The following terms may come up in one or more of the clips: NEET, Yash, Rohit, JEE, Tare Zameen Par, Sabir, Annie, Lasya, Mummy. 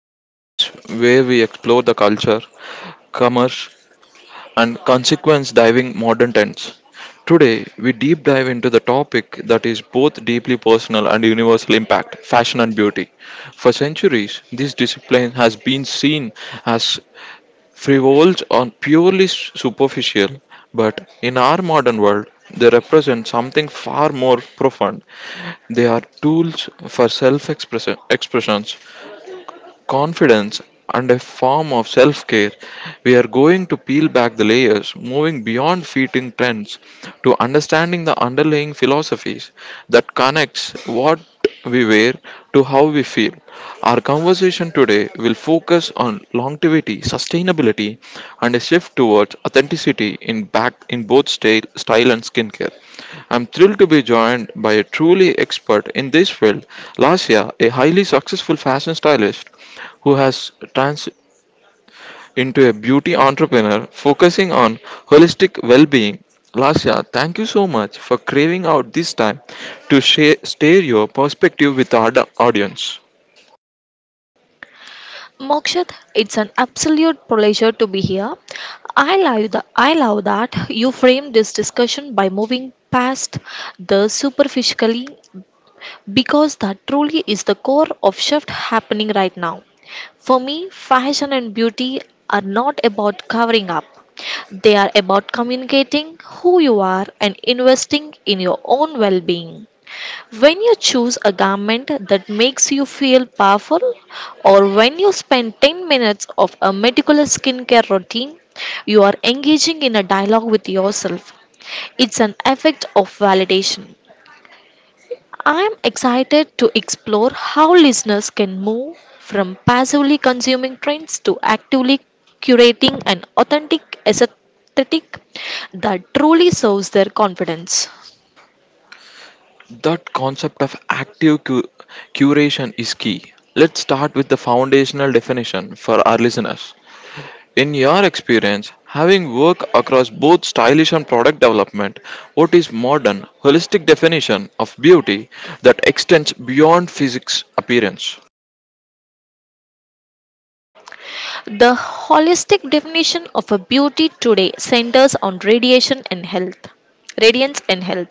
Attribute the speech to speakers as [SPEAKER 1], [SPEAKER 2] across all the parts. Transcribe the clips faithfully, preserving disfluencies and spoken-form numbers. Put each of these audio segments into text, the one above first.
[SPEAKER 1] the space where we explore the culture, commerce, and consequence diving modern trends. Today, we deep dive into the topic that is both deeply personal and universal impact fashion and beauty. For centuries, this discipline has been seen as frivolous or purely s- superficial, but in our modern world, they represent something far more profound. They are tools for self expression, confidence and a form of self care. We are going to peel back the layers, moving beyond fitting trends to understanding the underlying philosophies that connects what we wear to how we feel. Our conversation today will focus focus on longevity, sustainability, and a shift towards authenticity in back in both style, style and skincare. I'm thrilled to be joined by a truly expert in this field, Lasya, a highly successful fashion stylist who has trans into a beauty entrepreneur focusing on holistic well-being. Lasya, thank you so much for craving out this time to share, share your perspective with our aud- audience.
[SPEAKER 2] Mokshit, it's an absolute pleasure to be here. I love, the, I love that you framed this discussion by moving past the superficially, because that truly is the core of shift happening right now. For me, fashion and beauty are not about covering up. They are about communicating who you are and investing in your own well being. When you choose a garment that makes you feel powerful, or when you spend ten minutes of a meticulous skincare routine, you are engaging in a dialogue with yourself. It's an effect of validation. I am excited to explore how listeners can move from passively consuming trends to actively curating an authentic aesthetic that truly serves their confidence.
[SPEAKER 1] That concept of active cu- curation is key. Let's start with the foundational definition for our listeners. In your experience, having worked across both stylish and product development, what is modern, holistic definition of beauty that extends beyond physics appearance?
[SPEAKER 2] The holistic definition of a beauty today centers on radiation and health. Radiance and health.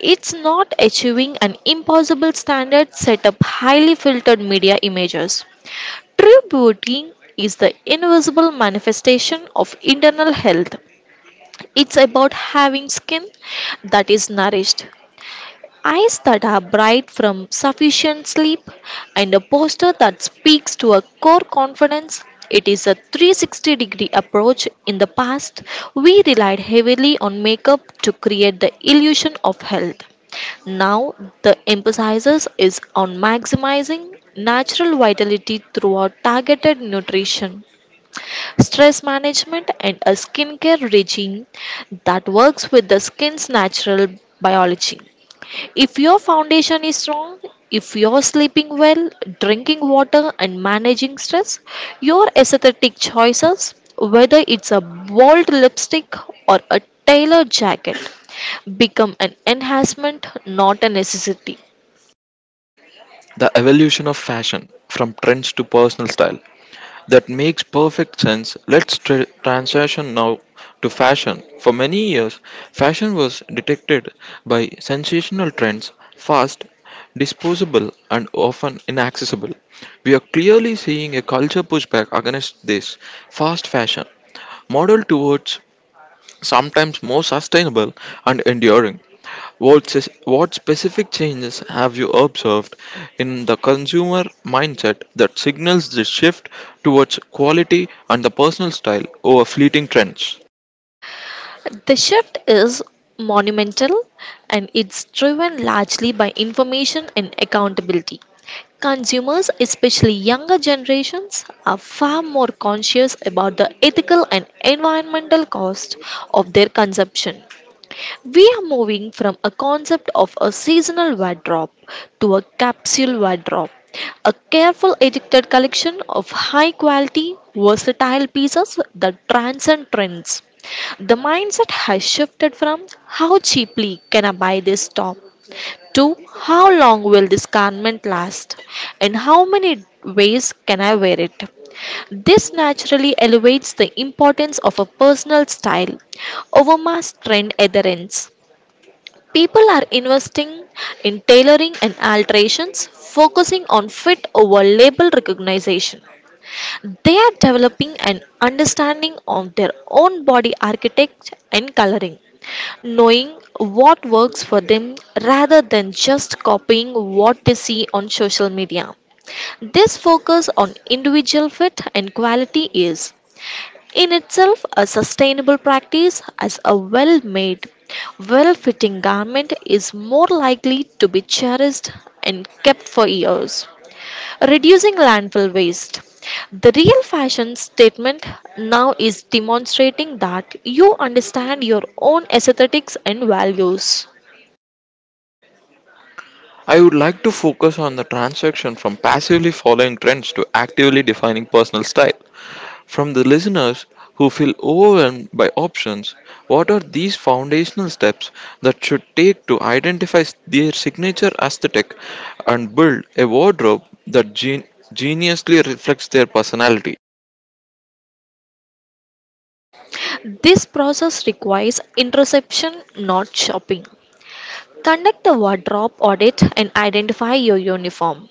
[SPEAKER 2] It's not achieving an impossible standard set up highly filtered media images. True beauty is the invisible manifestation of internal health. It's about having skin that is nourished, eyes that are bright from sufficient sleep, and a posture that speaks to a core confidence. It is a three sixty degree approach. In the past, we relied heavily on makeup to create the illusion of health. Now, the emphasis is on maximizing natural vitality throughout targeted nutrition, stress management, and a skincare regime that works with the skin's natural biology. If your foundation is strong, if you're sleeping well, drinking water, and managing stress, your aesthetic choices, whether it's a bold lipstick or a tailored jacket, become an enhancement, not a necessity.
[SPEAKER 1] The evolution of fashion from trends to personal style. That makes perfect sense. Let's tra- transition now to fashion. For many years, fashion was detected by sensational trends, fast, disposable, and often inaccessible. We are clearly seeing a culture pushback against this fast fashion, modeled towards sometimes more sustainable and enduring. What, s- what specific changes have you observed in the consumer mindset that signals this shift towards quality and the personal style over fleeting trends?
[SPEAKER 2] The shift is monumental, and it's driven largely by information and accountability. Consumers, especially younger generations, are far more conscious about the ethical and environmental cost of their consumption. We are moving from a concept of a seasonal wardrobe to a capsule wardrobe, a careful edited collection of high quality, versatile pieces that transcend trends. The mindset has shifted from how cheaply can I buy this top to how long will this garment last and how many ways can I wear it. This naturally elevates the importance of a personal style over mass trend adherence. People are investing in tailoring and alterations, focusing on fit over label recognition. They are developing an understanding of their own body architecture and coloring, knowing what works for them rather than just copying what they see on social media. This focus on individual fit and quality is, in itself, a sustainable practice, as a well made, well fitting garment is more likely to be cherished and kept for years, reducing landfill waste. The real fashion statement now is demonstrating that you understand your own aesthetics and values.
[SPEAKER 1] I would like to focus on the transaction from passively following trends to actively defining personal style. From the listeners who feel overwhelmed by options, what are these foundational steps that should take to identify their signature aesthetic and build a wardrobe that gen- geniusly reflects their personality?
[SPEAKER 2] This process requires introspection, not shopping. Conduct a wardrobe audit and identify your uniform.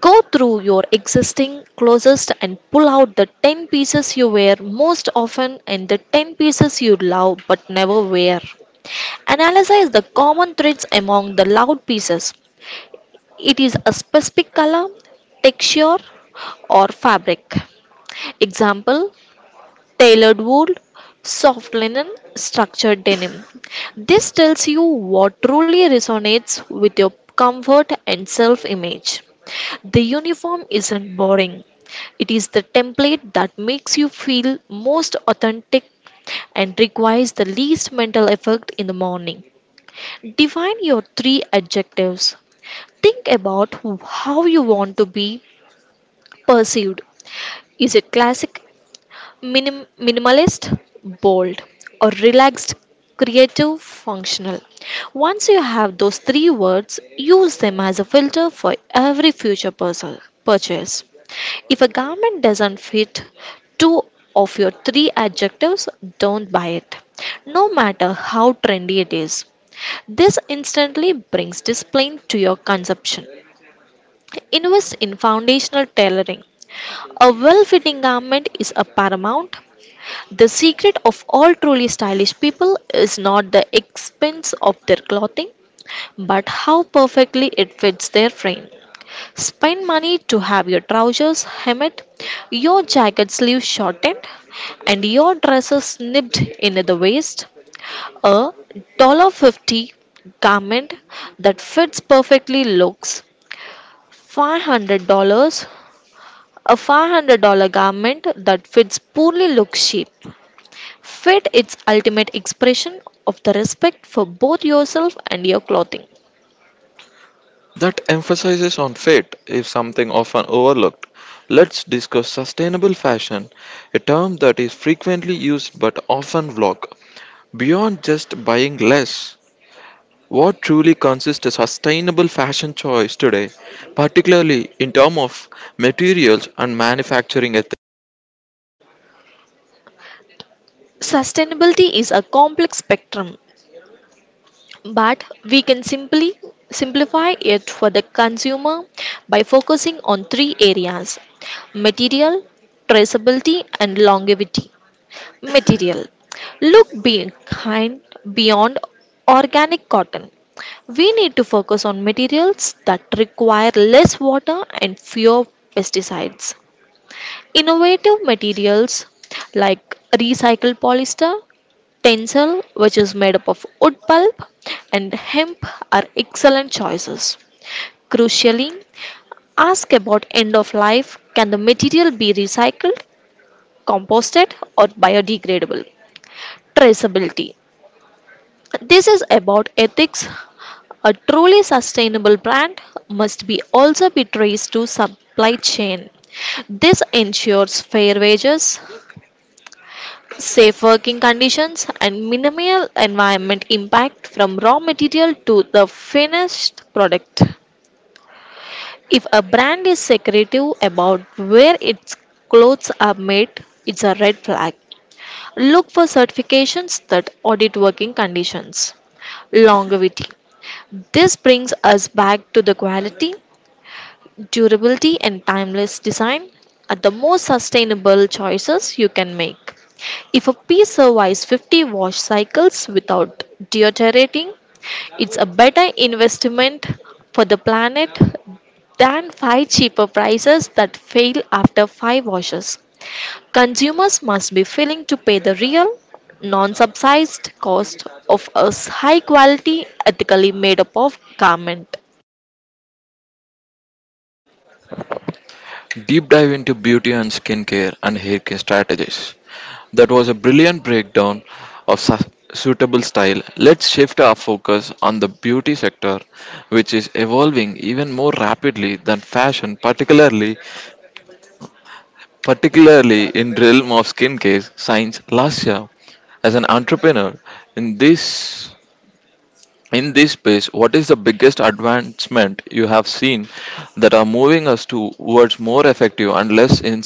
[SPEAKER 2] Go through your existing closest and pull out the ten pieces you wear most often and the ten pieces you love but never wear. Analyze the common threads among the loud pieces. It is a specific color, texture, or fabric. Example: tailored wool, soft linen, structured denim. This tells you what truly resonates with your comfort and self image. The uniform isn't boring, it is the template that makes you feel most authentic and requires the least mental effort in the morning. Define your three adjectives. Think about how you want to be perceived. Is it classic, Minim- minimalist, bold, or relaxed, creative, functional. Once you have those three words, use them as a filter for every future puzzle- purchase. If a garment doesn't fit two of your three adjectives, don't buy it, no matter how trendy it is. This instantly brings discipline to your consumption. Invest in foundational tailoring. A well fitting garment is a paramount; the secret of all truly stylish people is not the expense of their clothing, but how perfectly it fits their frame. Spend money to have your trousers hemmed, your jacket sleeves shortened, and your dresses snipped in at the waist. A dollar fifty garment that fits perfectly looks five hundred dollars. A five hundred dollars garment that fits poorly looks cheap. Fit its ultimate expression of the respect for both yourself and your clothing.
[SPEAKER 1] That emphasizes on fate is something often overlooked. Let's discuss sustainable fashion, a term that is frequently used but often vague. Beyond just buying less, what truly consists a sustainable fashion choice today, particularly in terms of materials and manufacturing
[SPEAKER 2] Sustainability is a complex spectrum, but we can simply simplify it for the consumer by focusing on three areas: material, traceability, and longevity. Material: look behind beyond organic cotton. We need to focus on materials that require less water and fewer pesticides. Innovative materials like recycled polyester, tencel, which is made up of wood pulp, and hemp are excellent choices. Crucially, ask about end of life: can the material be recycled, composted, or biodegradable? Traceability. This is about ethics. A truly sustainable brand must be also be traced to supply chain. This ensures fair wages, safe working conditions, and minimal environment impact from raw material to the finished product. If a brand is secretive about where its clothes are made, it's a red flag. Look for certifications that audit working conditions. Longevity. This brings us back to the quality; durability and timeless design are the most sustainable choices you can make. If a pea survives fifty wash cycles without deteriorating, it's a better investment for the planet than five cheaper prices that fail after five washes. Consumers must be willing to pay the real, non subsidized cost of a high quality, ethically made up of garment.
[SPEAKER 1] deep dive into beauty and skincare and hair care strategies. That was a brilliant breakdown of su- suitable style. Let's shift our focus on the beauty sector, which is evolving even more rapidly than fashion, particularly particularly in realm of skincare science last year. As an entrepreneur in this in this space, what is the biggest advancement you have seen that are moving us towards more effective and less in-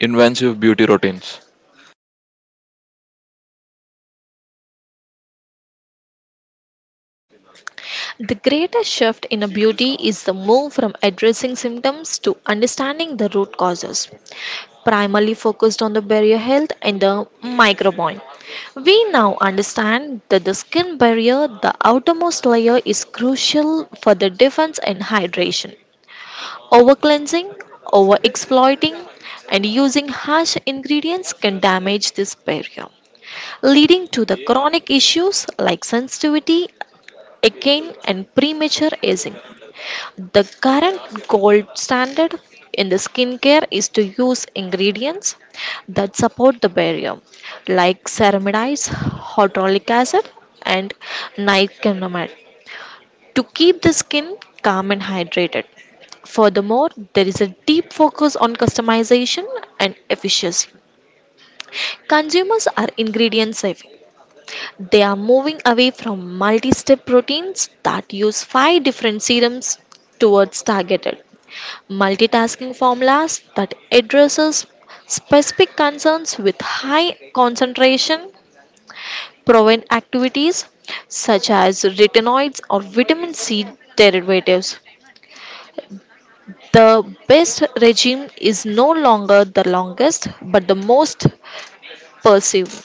[SPEAKER 1] invasive beauty routines?
[SPEAKER 2] The greatest shift in a beauty is the move from addressing symptoms to understanding the root causes, primarily focused on the barrier health and the microbiome. We now understand that the skin barrier, the outermost layer, is crucial for the defense and hydration. Over cleansing, over exploiting, and using harsh ingredients can damage this barrier, leading to the chronic issues like sensitivity, acne, and premature aging. The current gold standard in the skincare is to use ingredients that support the barrier, like ceramides, hyaluronic acid, and niacinamide, to keep the skin calm and hydrated. Furthermore, there is a deep focus on customization and efficiency. Consumers are ingredient savvy. They are moving away from multi step proteins that use five different serums towards targeted, multitasking formulas that addresses specific concerns with high concentration prevent activities such as retinoids or vitamin C derivatives. The best regime is no longer the longest but the most perceived.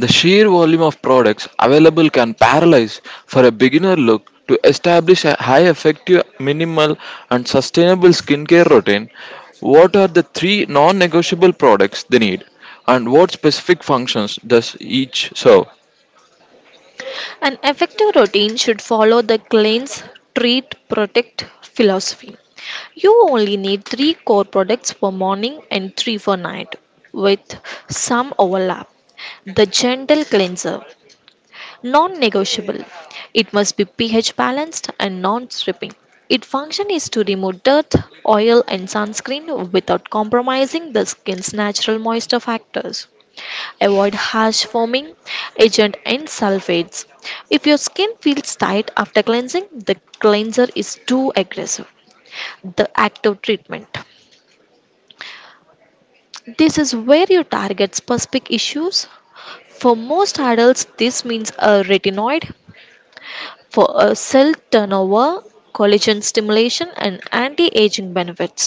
[SPEAKER 1] The sheer volume of products available can paralyze for a beginner look to establish a high effective, minimal, and sustainable skincare routine. What are the three non negotiable products they need, and what specific functions does each serve?
[SPEAKER 2] An effective routine should follow the cleanse, treat, protect philosophy. You only need three core products for morning and three for night, with some overlap. The gentle cleanser: non negotiable. It must be pH balanced and non stripping. Its function is to remove dirt, oil, and sunscreen without compromising the skin's natural moisture factors. Avoid harsh foaming agent and sulfates. If your skin feels tight after cleansing, the cleanser is too aggressive. The active treatment. This is where you target specific issues. For most adults, this means a retinoid for a cell turnover, collagen stimulation, and anti aging benefits.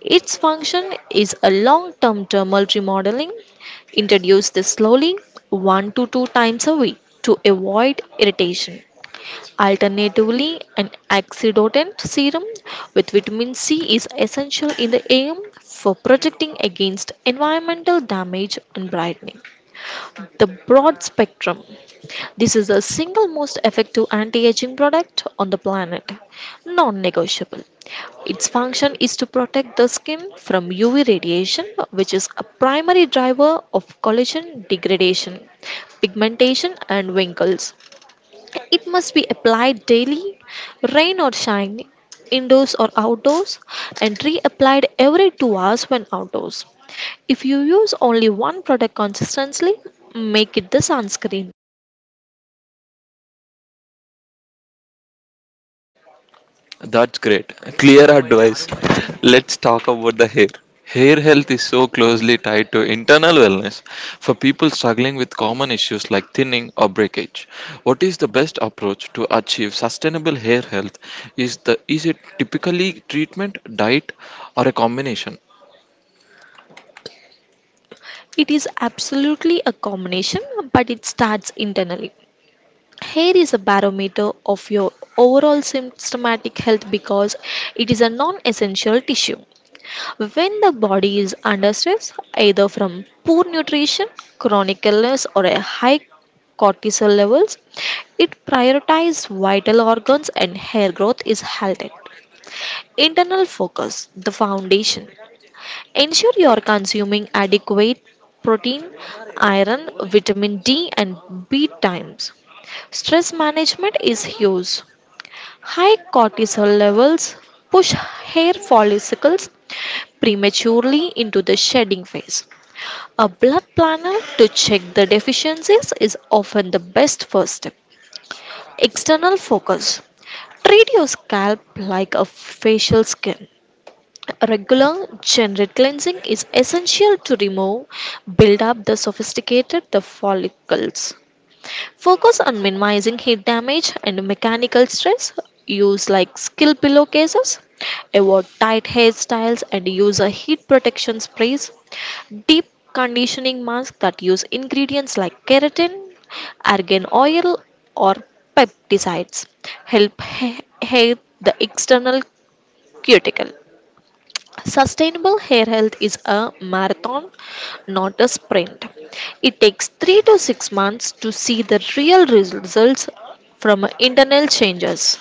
[SPEAKER 2] Its function is a long-term thermal remodeling. Introduce this slowly, one to two times a week, to avoid irritation. Alternatively, an oxidant serum with vitamin C is essential in the A M for protecting against environmental damage and brightening the broad spectrum. This is the single most effective anti aging product on the planet. Non negotiable. Its function is to protect the skin from U V radiation, which is a primary driver of collagen degradation, pigmentation, and wrinkles. It must be applied daily, rain or shine, indoors or outdoors, and reapplied every two hours when outdoors. If you use only one product consistently, make it the sunscreen.
[SPEAKER 1] That's great. Clear advice. Let's talk about the hair. Hair health is so closely tied to internal wellness for people struggling with common issues like thinning or breakage. What is the best approach to achieve sustainable hair health? Is the is it typically treatment, diet, or a combination?
[SPEAKER 2] It is absolutely a combination, but it starts internally. Hair is a barometer of your overall symptomatic health because it is a non essential tissue. When the body is under stress, either from poor nutrition, chronic illness, or a high cortisol levels, it prioritizes vital organs and hair growth is halted. Internal focus: the foundation. Ensure you are consuming adequate protein, iron, vitamin D, and B times. Stress management is huge. High cortisol levels push hair follicles prematurely into the shedding phase. A blood planner to check the deficiencies is often the best first step. External focus. Treat your scalp like a facial skin. Regular, generic cleansing is essential to remove build up the sophisticated the follicles. Focus on minimizing heat damage and mechanical stress. Use like skill pillowcases. Avoid tight hairstyles and use a heat protection sprays. Deep conditioning masks that use ingredients like keratin, argan oil, or peptides help ha- hair the external cuticle. Sustainable hair health is a marathon, not a sprint. It takes three to six months to see the real results from internal changes.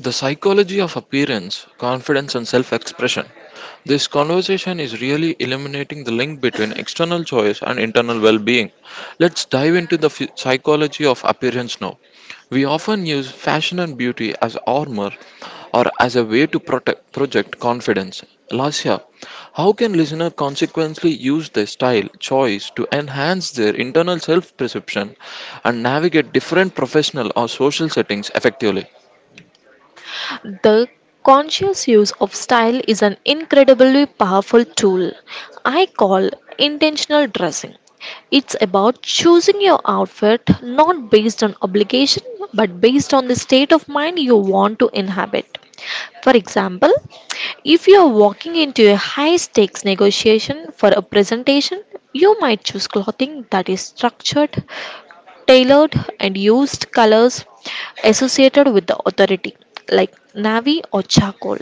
[SPEAKER 1] The psychology of appearance, confidence, and self expression. This conversation is really illuminating the link between external choice and internal well being. Let's dive into the phy- psychology of appearance now. We often use fashion and beauty as armor or as a way to protect, project confidence. Lasya, how can listener consequently use their style choice to enhance their internal self perception and navigate different professional or social settings effectively?
[SPEAKER 2] The conscious use of style is an incredibly powerful tool I call intentional dressing. It's about choosing your outfit not based on obligation but based on the state of mind you want to inhabit. For example, if you are walking into a high stakes negotiation for a presentation, you might choose clothing that is structured, tailored, and used colors associated with the authority, like navy or charcoal.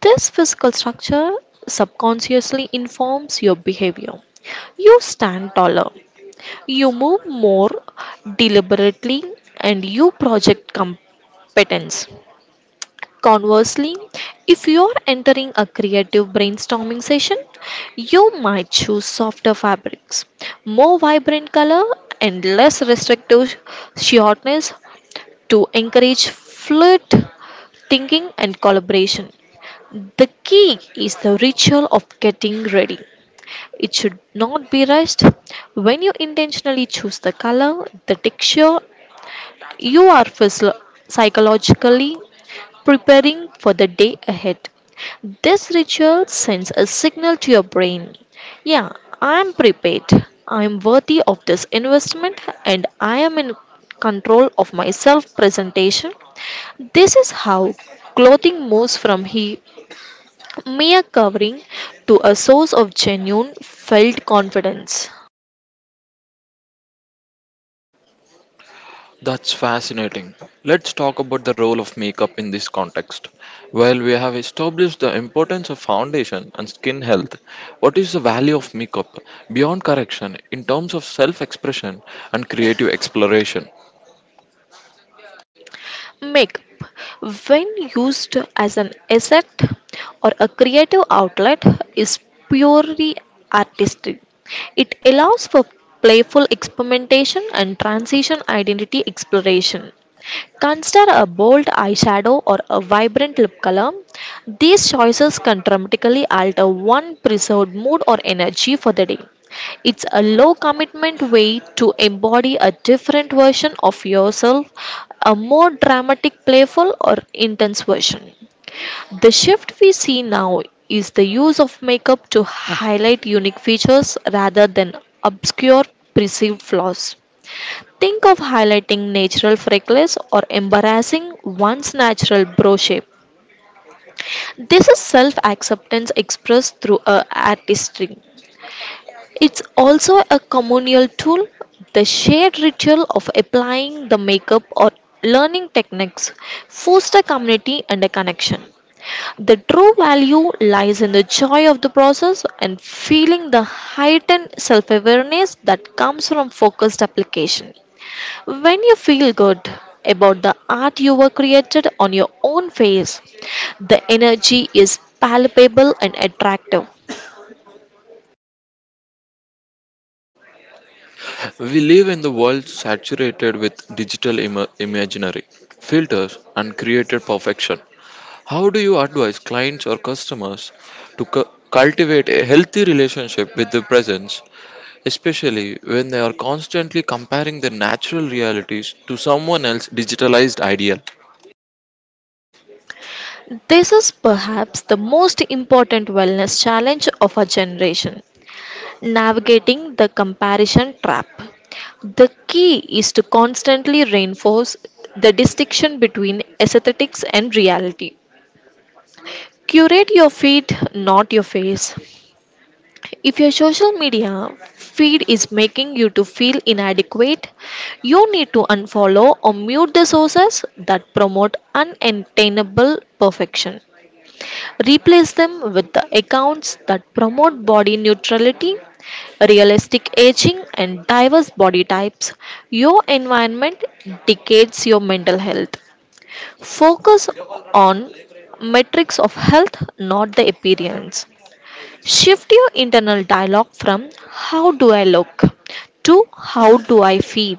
[SPEAKER 2] This physical structure subconsciously informs your behavior. You stand taller, you move more deliberately, and you project competence. Conversely, if you're entering a creative brainstorming session, you might choose softer fabrics, more vibrant color, and less restrictive shortness to encourage fluid thinking and collaboration. The key is the ritual of getting ready. It should not be rushed. When you intentionally choose the color, the texture, you are physio- psychologically preparing for the day ahead. This ritual sends a signal to your brain, yeah, I am prepared, I am worthy of this investment, and I am in control of my self presentation. This is how clothing moves from he, mere covering to a source of genuine felt confidence.
[SPEAKER 1] That's fascinating. Let's talk about the role of makeup in this context. While we have established the importance of foundation and skin health, what is the value of makeup beyond correction in terms of self expression and creative exploration?
[SPEAKER 2] Makeup, when used as an asset or a creative outlet, is purely artistic. It allows for playful experimentation and transition identity exploration. Consider a bold eyeshadow or a vibrant lip color. These choices can dramatically alter one preserved mood or energy for the day. It's a low commitment way to embody a different version of yourself, a more dramatic, playful, or intense version. The shift we see now is the use of makeup to highlight unique features rather than obscure perceived flaws. Think of highlighting natural freckles or embarrassing one's natural brow shape. This is self acceptance expressed through a artistry. It's also a communal tool. The shared ritual of applying the makeup or learning techniques foster community and a connection. The true value lies in the joy of the process and feeling the heightened self awareness that comes from focused application. When you feel good about the art you were created on your own face, the energy is palpable and attractive.
[SPEAKER 1] We live in the world saturated with digital ima- imaginary, filters, and created perfection. How do you advise clients or customers to cu- cultivate a healthy relationship with the presence especially when they are constantly comparing their natural realities to someone else's digitalized ideal.
[SPEAKER 2] This is perhaps the most important wellness challenge of our generation, navigating the comparison trap. The key is to constantly reinforce the distinction between aesthetics and reality. Curate your feed, not your face. If your social media feed is making you to feel inadequate, you need to unfollow or mute the sources that promote unattainable perfection. Replace them with the accounts that promote body neutrality, realistic aging and diverse body types. Your environment dictates your mental health. Focus on metrics of health, not the appearance. Shift your internal dialogue from how do I look to how do I feel.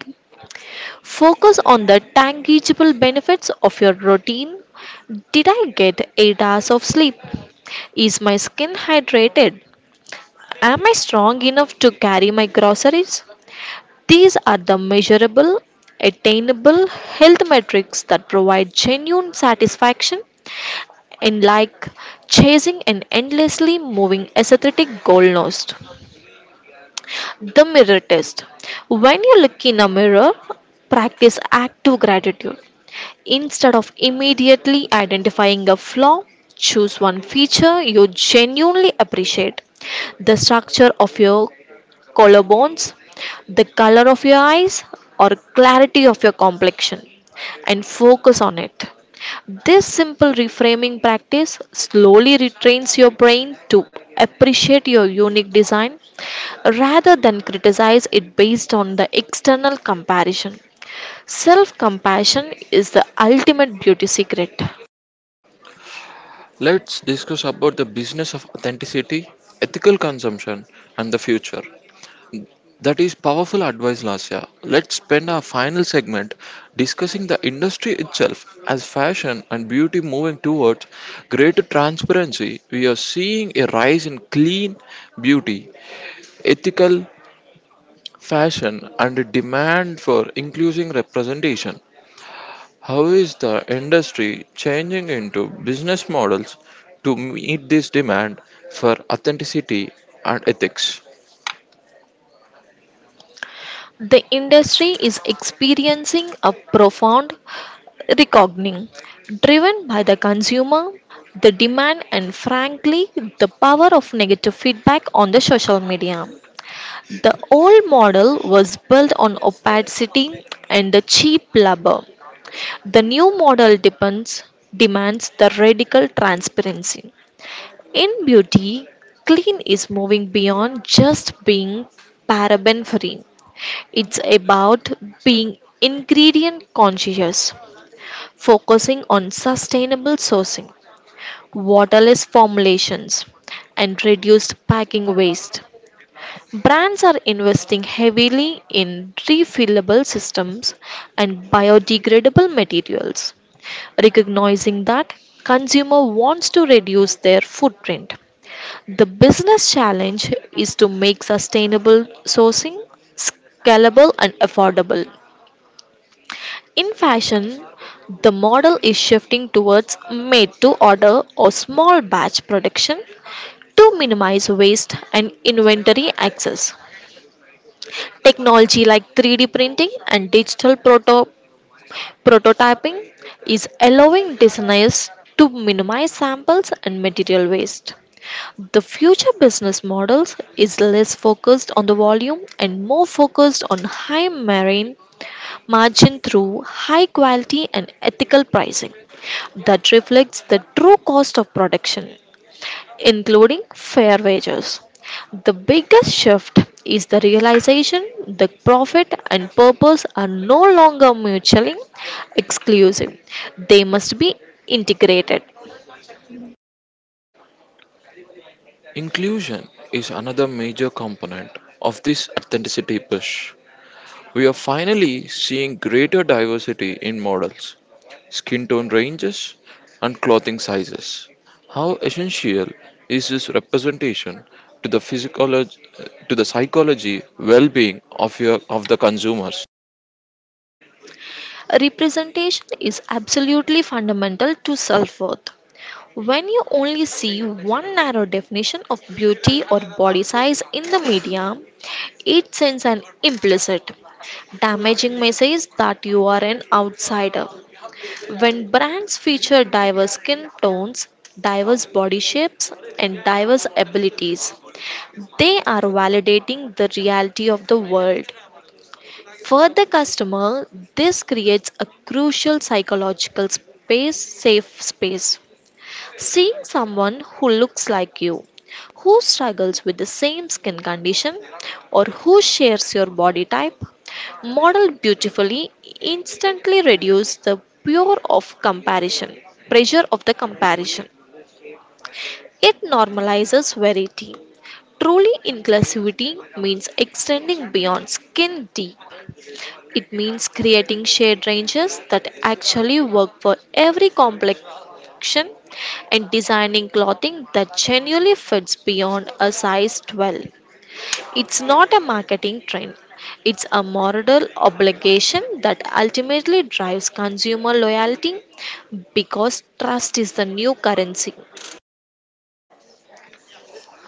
[SPEAKER 2] Focus on the tangible benefits of your routine. Did I get eight hours of sleep? Is my skin hydrated? Am I strong enough to carry my groceries? These are the measurable, attainable health metrics that provide genuine satisfaction in like chasing an endlessly moving aesthetic goalpost. The mirror test. When you look in a mirror, practice active gratitude. Instead of immediately identifying a flaw, choose one feature you genuinely appreciate: the structure of your collarbones, the color of your eyes, or clarity of your complexion, and focus on it. This simple reframing practice slowly retrains your brain to appreciate your unique design rather than criticize it based on the external comparison. Self compassion is the ultimate beauty secret.
[SPEAKER 1] Let's discuss about the business of authenticity, ethical consumption, and the future. That is powerful advice, Lasya. Let's spend our final segment discussing the industry itself as fashion and beauty moving towards greater transparency. We are seeing a rise in clean beauty, ethical fashion, and a demand for increasing representation. How is the industry changing into business models to meet this demand for authenticity and ethics?
[SPEAKER 2] The industry is experiencing a profound reckoning driven by the consumer, the demand, and frankly, the power of negative feedback on the social media. The old model was built on opacity and the cheap labor. The new model depends, demands the radical transparency. In beauty, clean is moving beyond just being paraben free. It's about being ingredient conscious, focusing on sustainable sourcing, waterless formulations, and reduced packing waste. Brands are investing heavily in refillable systems and biodegradable materials, recognizing that consumer wants to reduce their footprint. The business challenge is to make sustainable sourcing scalable and affordable. In fashion, the model is shifting towards made to order or small batch production to minimize waste and inventory access. Technology like three D printing and digital proto- prototyping is allowing designers to minimize samples and material waste. The future business models is less focused on the volume and more focused on high margin margin through high quality and ethical pricing that reflects the true cost of production, including fair wages. The biggest shift is the realization that profit and purpose are no longer mutually exclusive, they must be integrated.
[SPEAKER 1] Inclusion is another major component of this authenticity push. We are finally seeing greater diversity in models, skin tone ranges, and clothing sizes. How essential is this representation to the physiology, to the psychology well-being of your of the consumers?
[SPEAKER 2] Representation is absolutely fundamental to self worth. When you only see one narrow definition of beauty or body size in the media, it sends an implicit, damaging message that you are an outsider. When brands feature diverse skin tones, diverse body shapes, and diverse abilities, they are validating the reality of the world. For the customer, this creates a crucial psychological space, safe space. Seeing someone who looks like you, who struggles with the same skin condition, or who shares your body type, modeled beautifully, instantly reduces the pure of comparison, pressure of the comparison. It normalizes variety. Truly inclusivity means extending beyond skin deep. It means creating shade ranges that actually work for every complexion and designing clothing that genuinely fits beyond a size twelve. It's not a marketing trend, it's a moral obligation that ultimately drives consumer loyalty because trust is the new currency.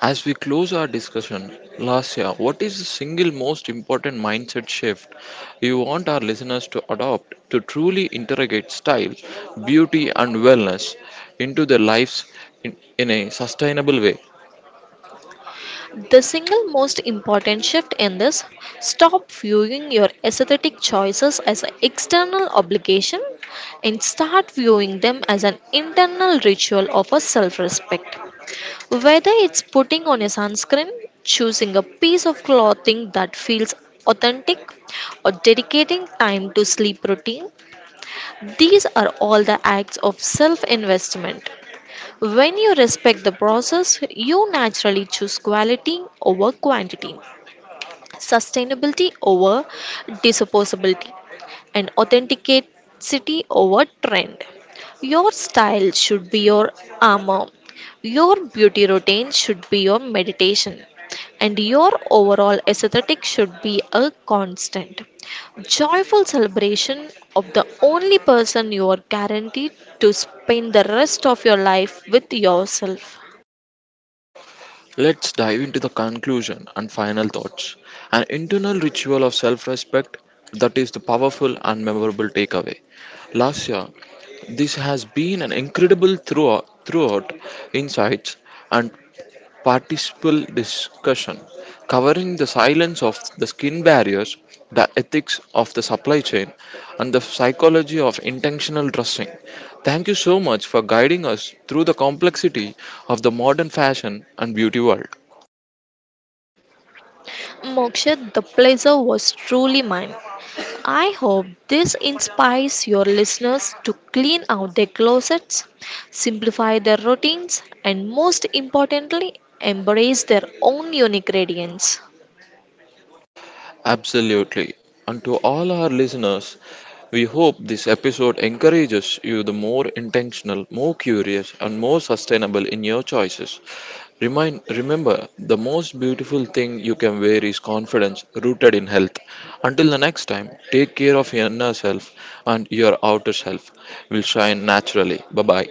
[SPEAKER 1] As we close our discussion, Lasya, what is the single most important mindset shift you want our listeners to adopt to truly integrate style, beauty, and wellness into their lives in, in a sustainable way?
[SPEAKER 2] The single most important shift in this: stop viewing your aesthetic choices as an external obligation and start viewing them as an internal ritual of a self respect. Whether it's putting on a sunscreen, choosing a piece of clothing that feels authentic, or dedicating time to sleep routine, these are all the acts of self investment. When you respect the process, you naturally choose quality over quantity, sustainability over disposability, and authenticity over trend. Your style should be your armor, your beauty routine should be your meditation, and your overall aesthetic should be a constant, joyful celebration of the only person you are guaranteed to spend the rest of your life with: yourself.
[SPEAKER 1] Let's dive into the conclusion and final thoughts. An internal ritual of self respect, that is the powerful and memorable takeaway. Lasya, this has been an incredible throughout, throughout insights and participle discussion, covering the silence of the skin barriers, the ethics of the supply chain, and the psychology of intentional dressing. Thank you so much for guiding us through the complexity of the modern fashion and beauty world.
[SPEAKER 2] Moksha, the pleasure was truly mine. I hope this inspires your listeners to clean out their closets, simplify their routines, and most importantly, embrace their own unique radiance.
[SPEAKER 1] Absolutely. And to all our listeners, we hope this episode encourages you the more intentional, more curious, and more sustainable in your choices. Remind, remember, the most beautiful thing you can wear is confidence rooted in health. Until the next time, take care of your inner self and your outer self will shine naturally. Bye bye.